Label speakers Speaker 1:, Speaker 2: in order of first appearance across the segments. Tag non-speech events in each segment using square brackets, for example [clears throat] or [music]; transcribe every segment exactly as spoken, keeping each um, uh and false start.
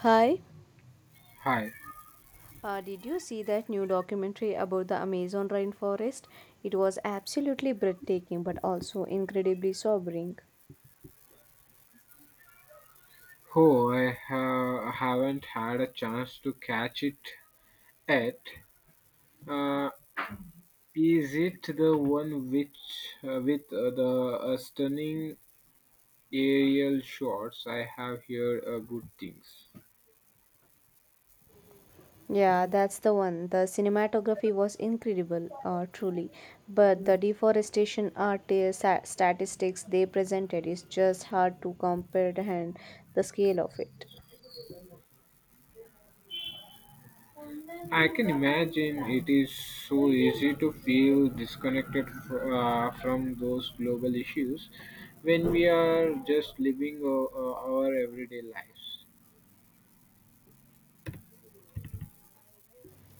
Speaker 1: Hi,
Speaker 2: Hi.
Speaker 1: uh, did you see that new documentary about the Amazon rainforest? It was absolutely breathtaking but also incredibly sobering.
Speaker 2: Oh, I ha- haven't had a chance to catch it yet. Uh, is it the one which uh, with uh, the uh, stunning aerial shots? I have heard uh, good things.
Speaker 1: Yeah, that's the one. The cinematography was incredible, uh, truly. But the deforestation art uh, sa- statistics they presented is just hard to comprehend the scale of it.
Speaker 2: I can imagine it is so easy to feel disconnected fr- uh, from those global issues when we are just living uh, uh, our everyday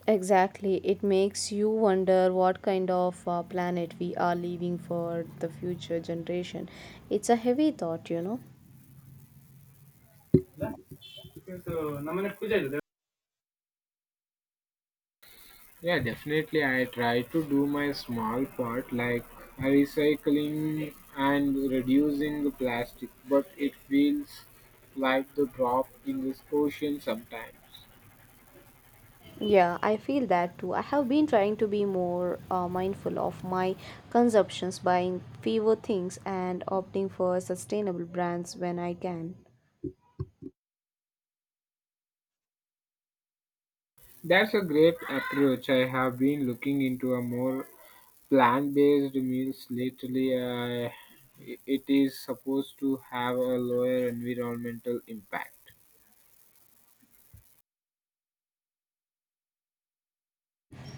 Speaker 1: Exactly. It makes you wonder what kind of uh, planet we are leaving for the future generation. It's a heavy thought, you know.
Speaker 2: lives. Yeah, definitely. I try to do my small part like recycling and reducing the plastic, but it feels like the drop in the ocean sometimes.
Speaker 1: Yeah, I feel that too. I have been trying to be more uh, mindful of my consumptions, buying fewer things and opting for sustainable brands when I can.
Speaker 2: That's a great approach. I have been looking into a more plant-based meals lately. Uh, it is supposed to have a lower environmental impact.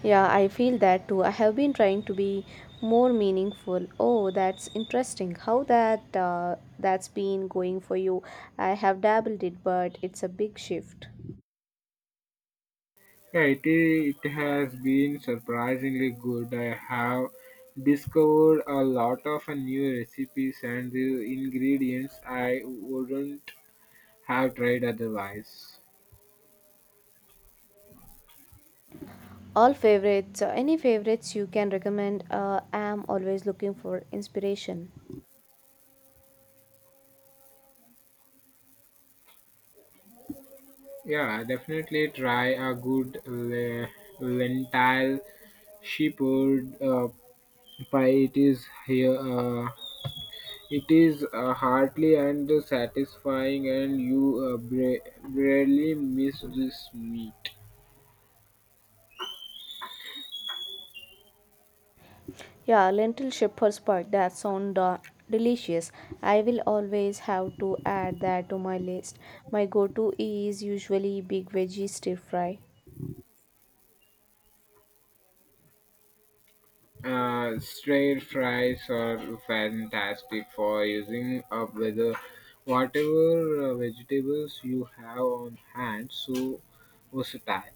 Speaker 1: Yeah, I feel that too. I have been trying to be more meaningful. Oh, that's interesting. How that uh, that's been going for you? I have dabbled it, but it's a big shift.
Speaker 2: Yeah, it, i- it has been surprisingly good. I have discovered a lot of new recipes and the ingredients I wouldn't have tried otherwise.
Speaker 1: All favorites, uh, any favorites you can recommend? Uh, I am always looking for inspiration.
Speaker 2: Yeah, definitely try a good le- lentil shepherd uh, pie. It is here. Uh, it is uh, hearty and satisfying, and you uh, bra- barely miss this meat.
Speaker 1: Yeah, lentil shepherd's pie. That sound uh, delicious. I will always have to add that to my list. My go-to is usually big veggie stir fry.
Speaker 2: Uh, straight fries are fantastic for using up with uh, whatever uh, vegetables you have on hand. So versatile.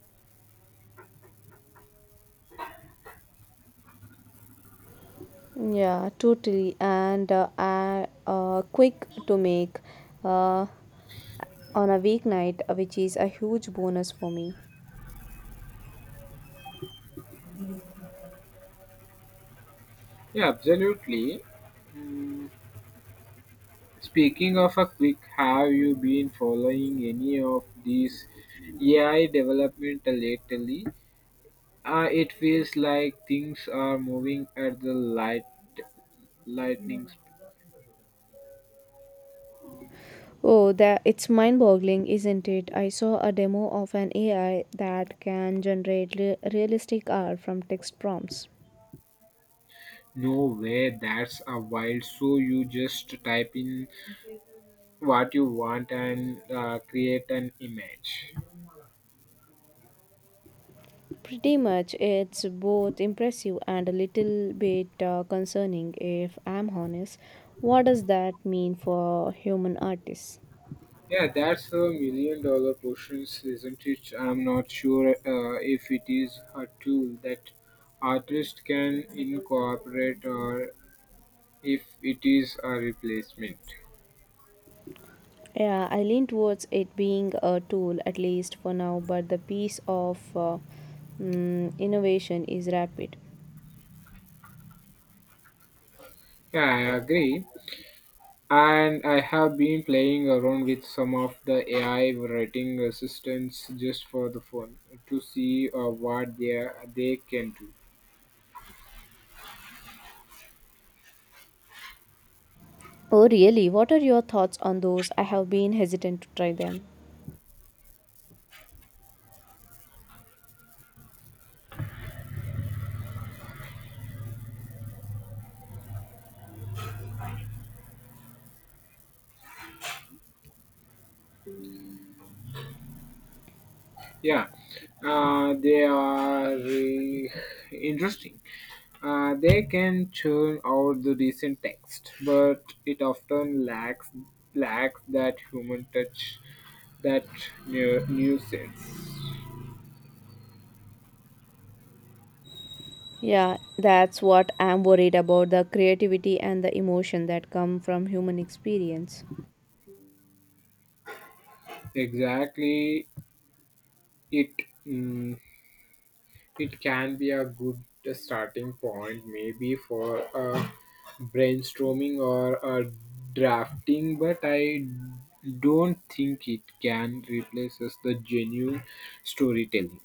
Speaker 1: Yeah, totally. And uh, I- uh, quick to make uh, on a weeknight, uh, which is a huge bonus for me.
Speaker 2: Yeah, absolutely. Mm, Speaking of a quick, have you been following any of these A I development lately? Uh, it feels like things are moving at the light lightning speed.
Speaker 1: Oh, that it's mind-boggling, isn't it? I saw a demo of an A I that can generate re- realistic art from text prompts.
Speaker 2: No way, that's a wild. So you just type in what you want and uh, create an image.
Speaker 1: Pretty much, it's both impressive and a little bit uh, concerning, if I'm honest. What does that mean for human artists?
Speaker 2: Yeah, that's a million dollar questions, isn't it? I'm not sure uh, if it is a tool that artists can incorporate or if it is a replacement.
Speaker 1: Yeah, I lean towards it being a tool, at least for now, but the piece of uh, mm, innovation is rapid.
Speaker 2: Yeah, I agree. And I have been playing around with some of the A I writing assistants just for the fun to see uh, what they, they can do.
Speaker 1: Oh, really? What are your thoughts on those? I have been hesitant to try them.
Speaker 2: Yeah, uh, they are uh, interesting. Uh, they can churn out the decent text, but it often lacks lacks that human touch, that nu- nuisance.
Speaker 1: Yeah, that's what I'm worried about the creativity and the emotion that come from human experience.
Speaker 2: Exactly, it. Mm, It can be a good starting point, maybe for a brainstorming or a drafting, but I don't think it can replace us the genuine storytelling.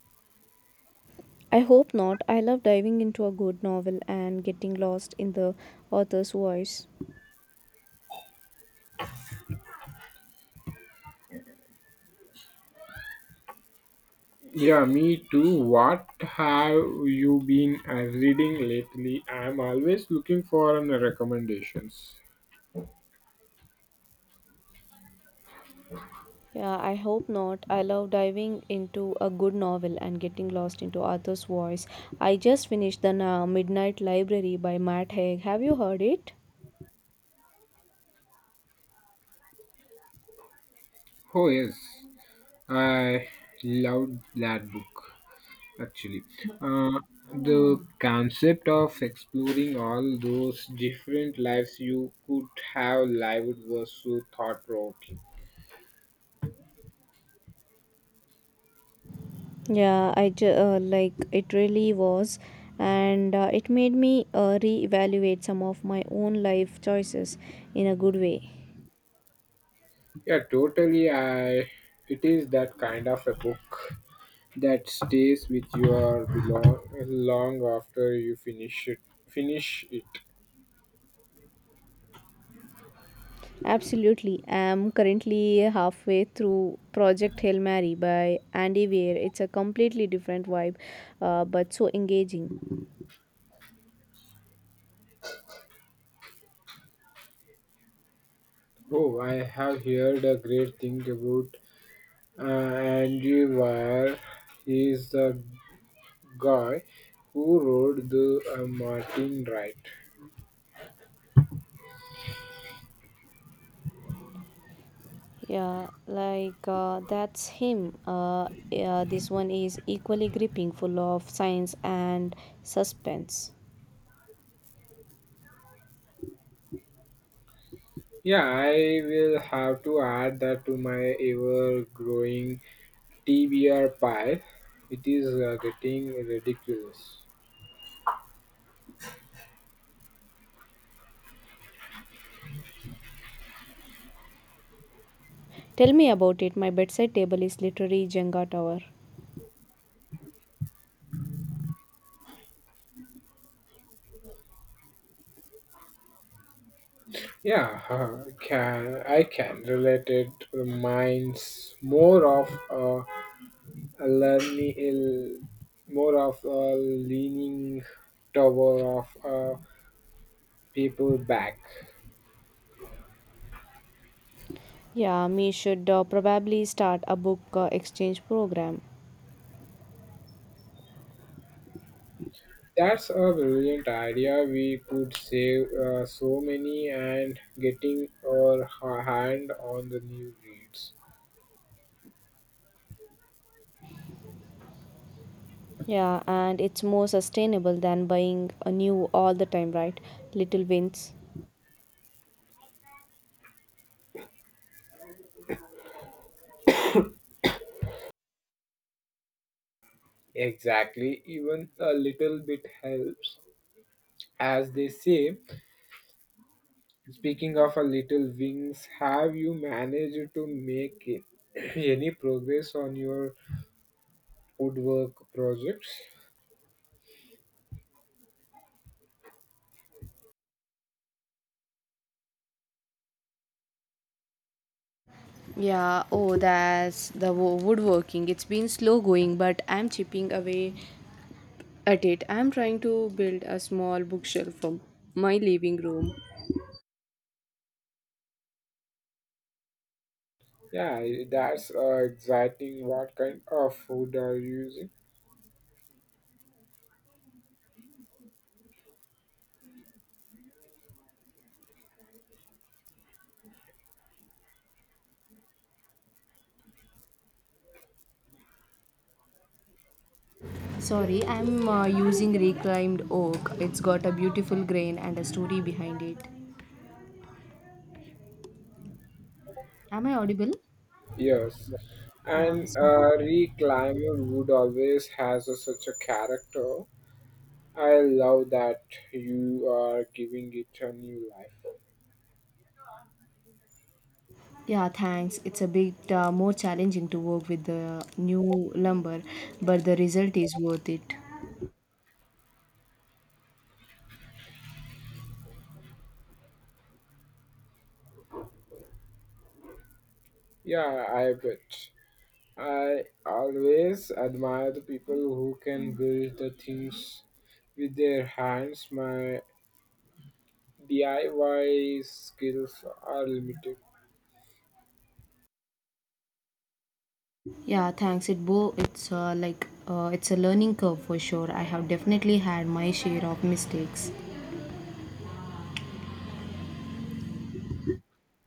Speaker 1: I hope not. I love diving into a good novel and getting lost in the author's voice.
Speaker 2: Yeah, me too. What have you been uh, reading lately? I'm always looking for an recommendations.
Speaker 1: Yeah, I hope not. I love diving into a good novel and getting lost into author's voice. I just finished The Na- Midnight Library by Matt Haig. Have you heard it?
Speaker 2: Oh yes, I loved that book actually. uh, the concept of exploring all those different lives you could have lived was so thought provoking.
Speaker 1: Yeah, I ju- uh, like it really was, and uh, it made me uh, reevaluate some of my own life choices in a good way.
Speaker 2: Yeah, totally. I it is that kind of a book that stays with you long, long after you finish it finish it.
Speaker 1: Absolutely. I'm currently halfway through Project Hail Mary by Andy Weir. It's a completely different vibe, uh, but so engaging.
Speaker 2: Oh, I have heard a great thing about uh, Andy Weir. He is the guy who wrote the uh, Martin Wright.
Speaker 1: Yeah, like uh, that's him. Uh, yeah, this one is equally gripping, full of science and suspense.
Speaker 2: Yeah, I will have to add that to my ever growing T B R pile. It is uh, getting ridiculous.
Speaker 1: Tell me about it. My bedside table is literally Jenga tower.
Speaker 2: Yeah, [laughs] uh, can, I can relate it. Mine's more of a, a learning, ill- more of a leaning tower of uh, people back.
Speaker 1: Yeah, me should uh, probably start a book uh, exchange program.
Speaker 2: That's a brilliant idea. We could save uh, so many and getting our ha- hand on the new reads.
Speaker 1: Yeah, and it's more sustainable than buying a new all the time, right? Little wins.
Speaker 2: Exactly, even a little bit helps. As they say, speaking of a little wings, have you managed to make it- [clears throat] any progress on your woodwork projects?
Speaker 1: Yeah, oh, that's the wo- woodworking. It's been slow going, but I'm chipping away at it. I'm trying to build a small bookshelf for my living room.
Speaker 2: Yeah, that's uh, exciting. What kind of food are you using?
Speaker 1: Sorry, I'm uh, using reclaimed oak. It's got a beautiful grain and a story behind it. Am I audible?
Speaker 2: Yes,
Speaker 1: Yeah.
Speaker 2: and uh, reclaimer wood always has a, such a character. I love that you are giving it a new life.
Speaker 1: Yeah, thanks. It's a bit uh, more challenging to work with the new lumber, but the result is worth it.
Speaker 2: Yeah, I bet. I always admire the people who can build the things with their hands. My D I Y skills are limited.
Speaker 1: Yeah, thanks. It bo it's uh, like uh, it's a learning curve for sure. I have definitely had my share of mistakes.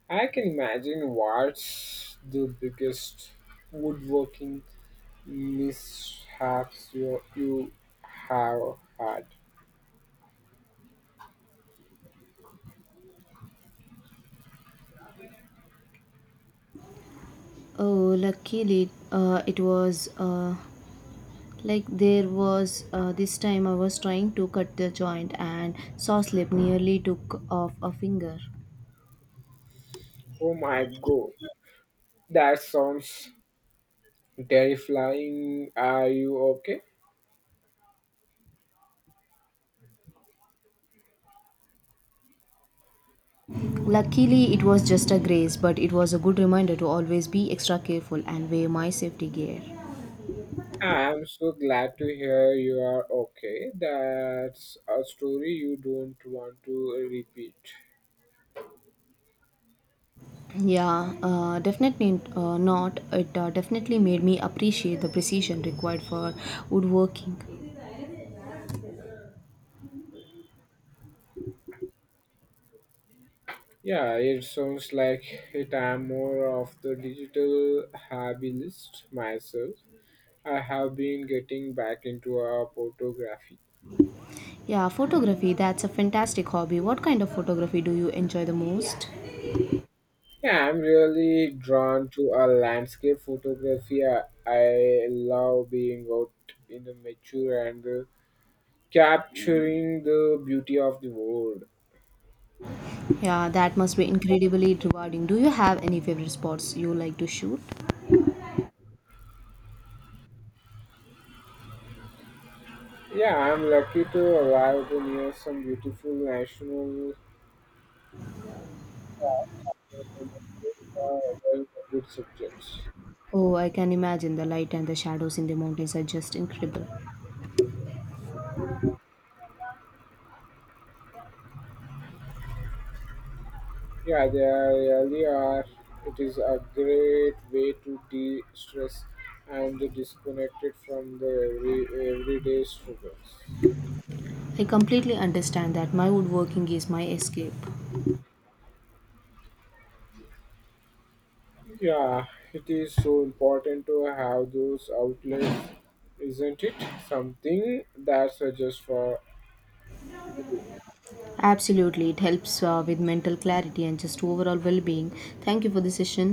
Speaker 2: I can imagine what's the biggest woodworking mishaps you, you have had.
Speaker 1: Oh, luckily, uh, it was uh, like there was uh, this time I was trying to cut the joint and saw slip nearly took off a finger.
Speaker 2: Oh my god, that sounds terrifying. Are you okay?
Speaker 1: Luckily, it was just a graze, but it was a good reminder to always be extra careful and wear my safety gear.
Speaker 2: I'm so glad to hear you are okay. That's a story you don't want to repeat.
Speaker 1: Yeah, uh, definitely uh, not. It uh, definitely made me appreciate the precision required for woodworking.
Speaker 2: Yeah, it sounds like it. I'm more of the digital hobby list myself. I have been getting back into a photography.
Speaker 1: Yeah, photography, that's a fantastic hobby. What kind of photography do you enjoy the most?
Speaker 2: Yeah, I'm really drawn to a landscape photography. I, I love being out in the nature and uh, capturing the beauty of the world.
Speaker 1: Yeah, that must be incredibly rewarding. Do you have any favorite spots you like to shoot?
Speaker 2: Yeah, I'm lucky to arrive to near some beautiful national parks that are well for good subjects.
Speaker 1: Oh, I can imagine the light and the shadows in the mountains are just incredible.
Speaker 2: Yeah, they are really are. It is a great way to de-stress and disconnect it from the every, everyday struggles.
Speaker 1: I completely understand that my woodworking is my escape.
Speaker 2: Yeah, it is so important to have those outlets, isn't it? Something that's uh, just for
Speaker 1: Absolutely, it helps uh, with mental clarity and just overall well being. Thank you for the session.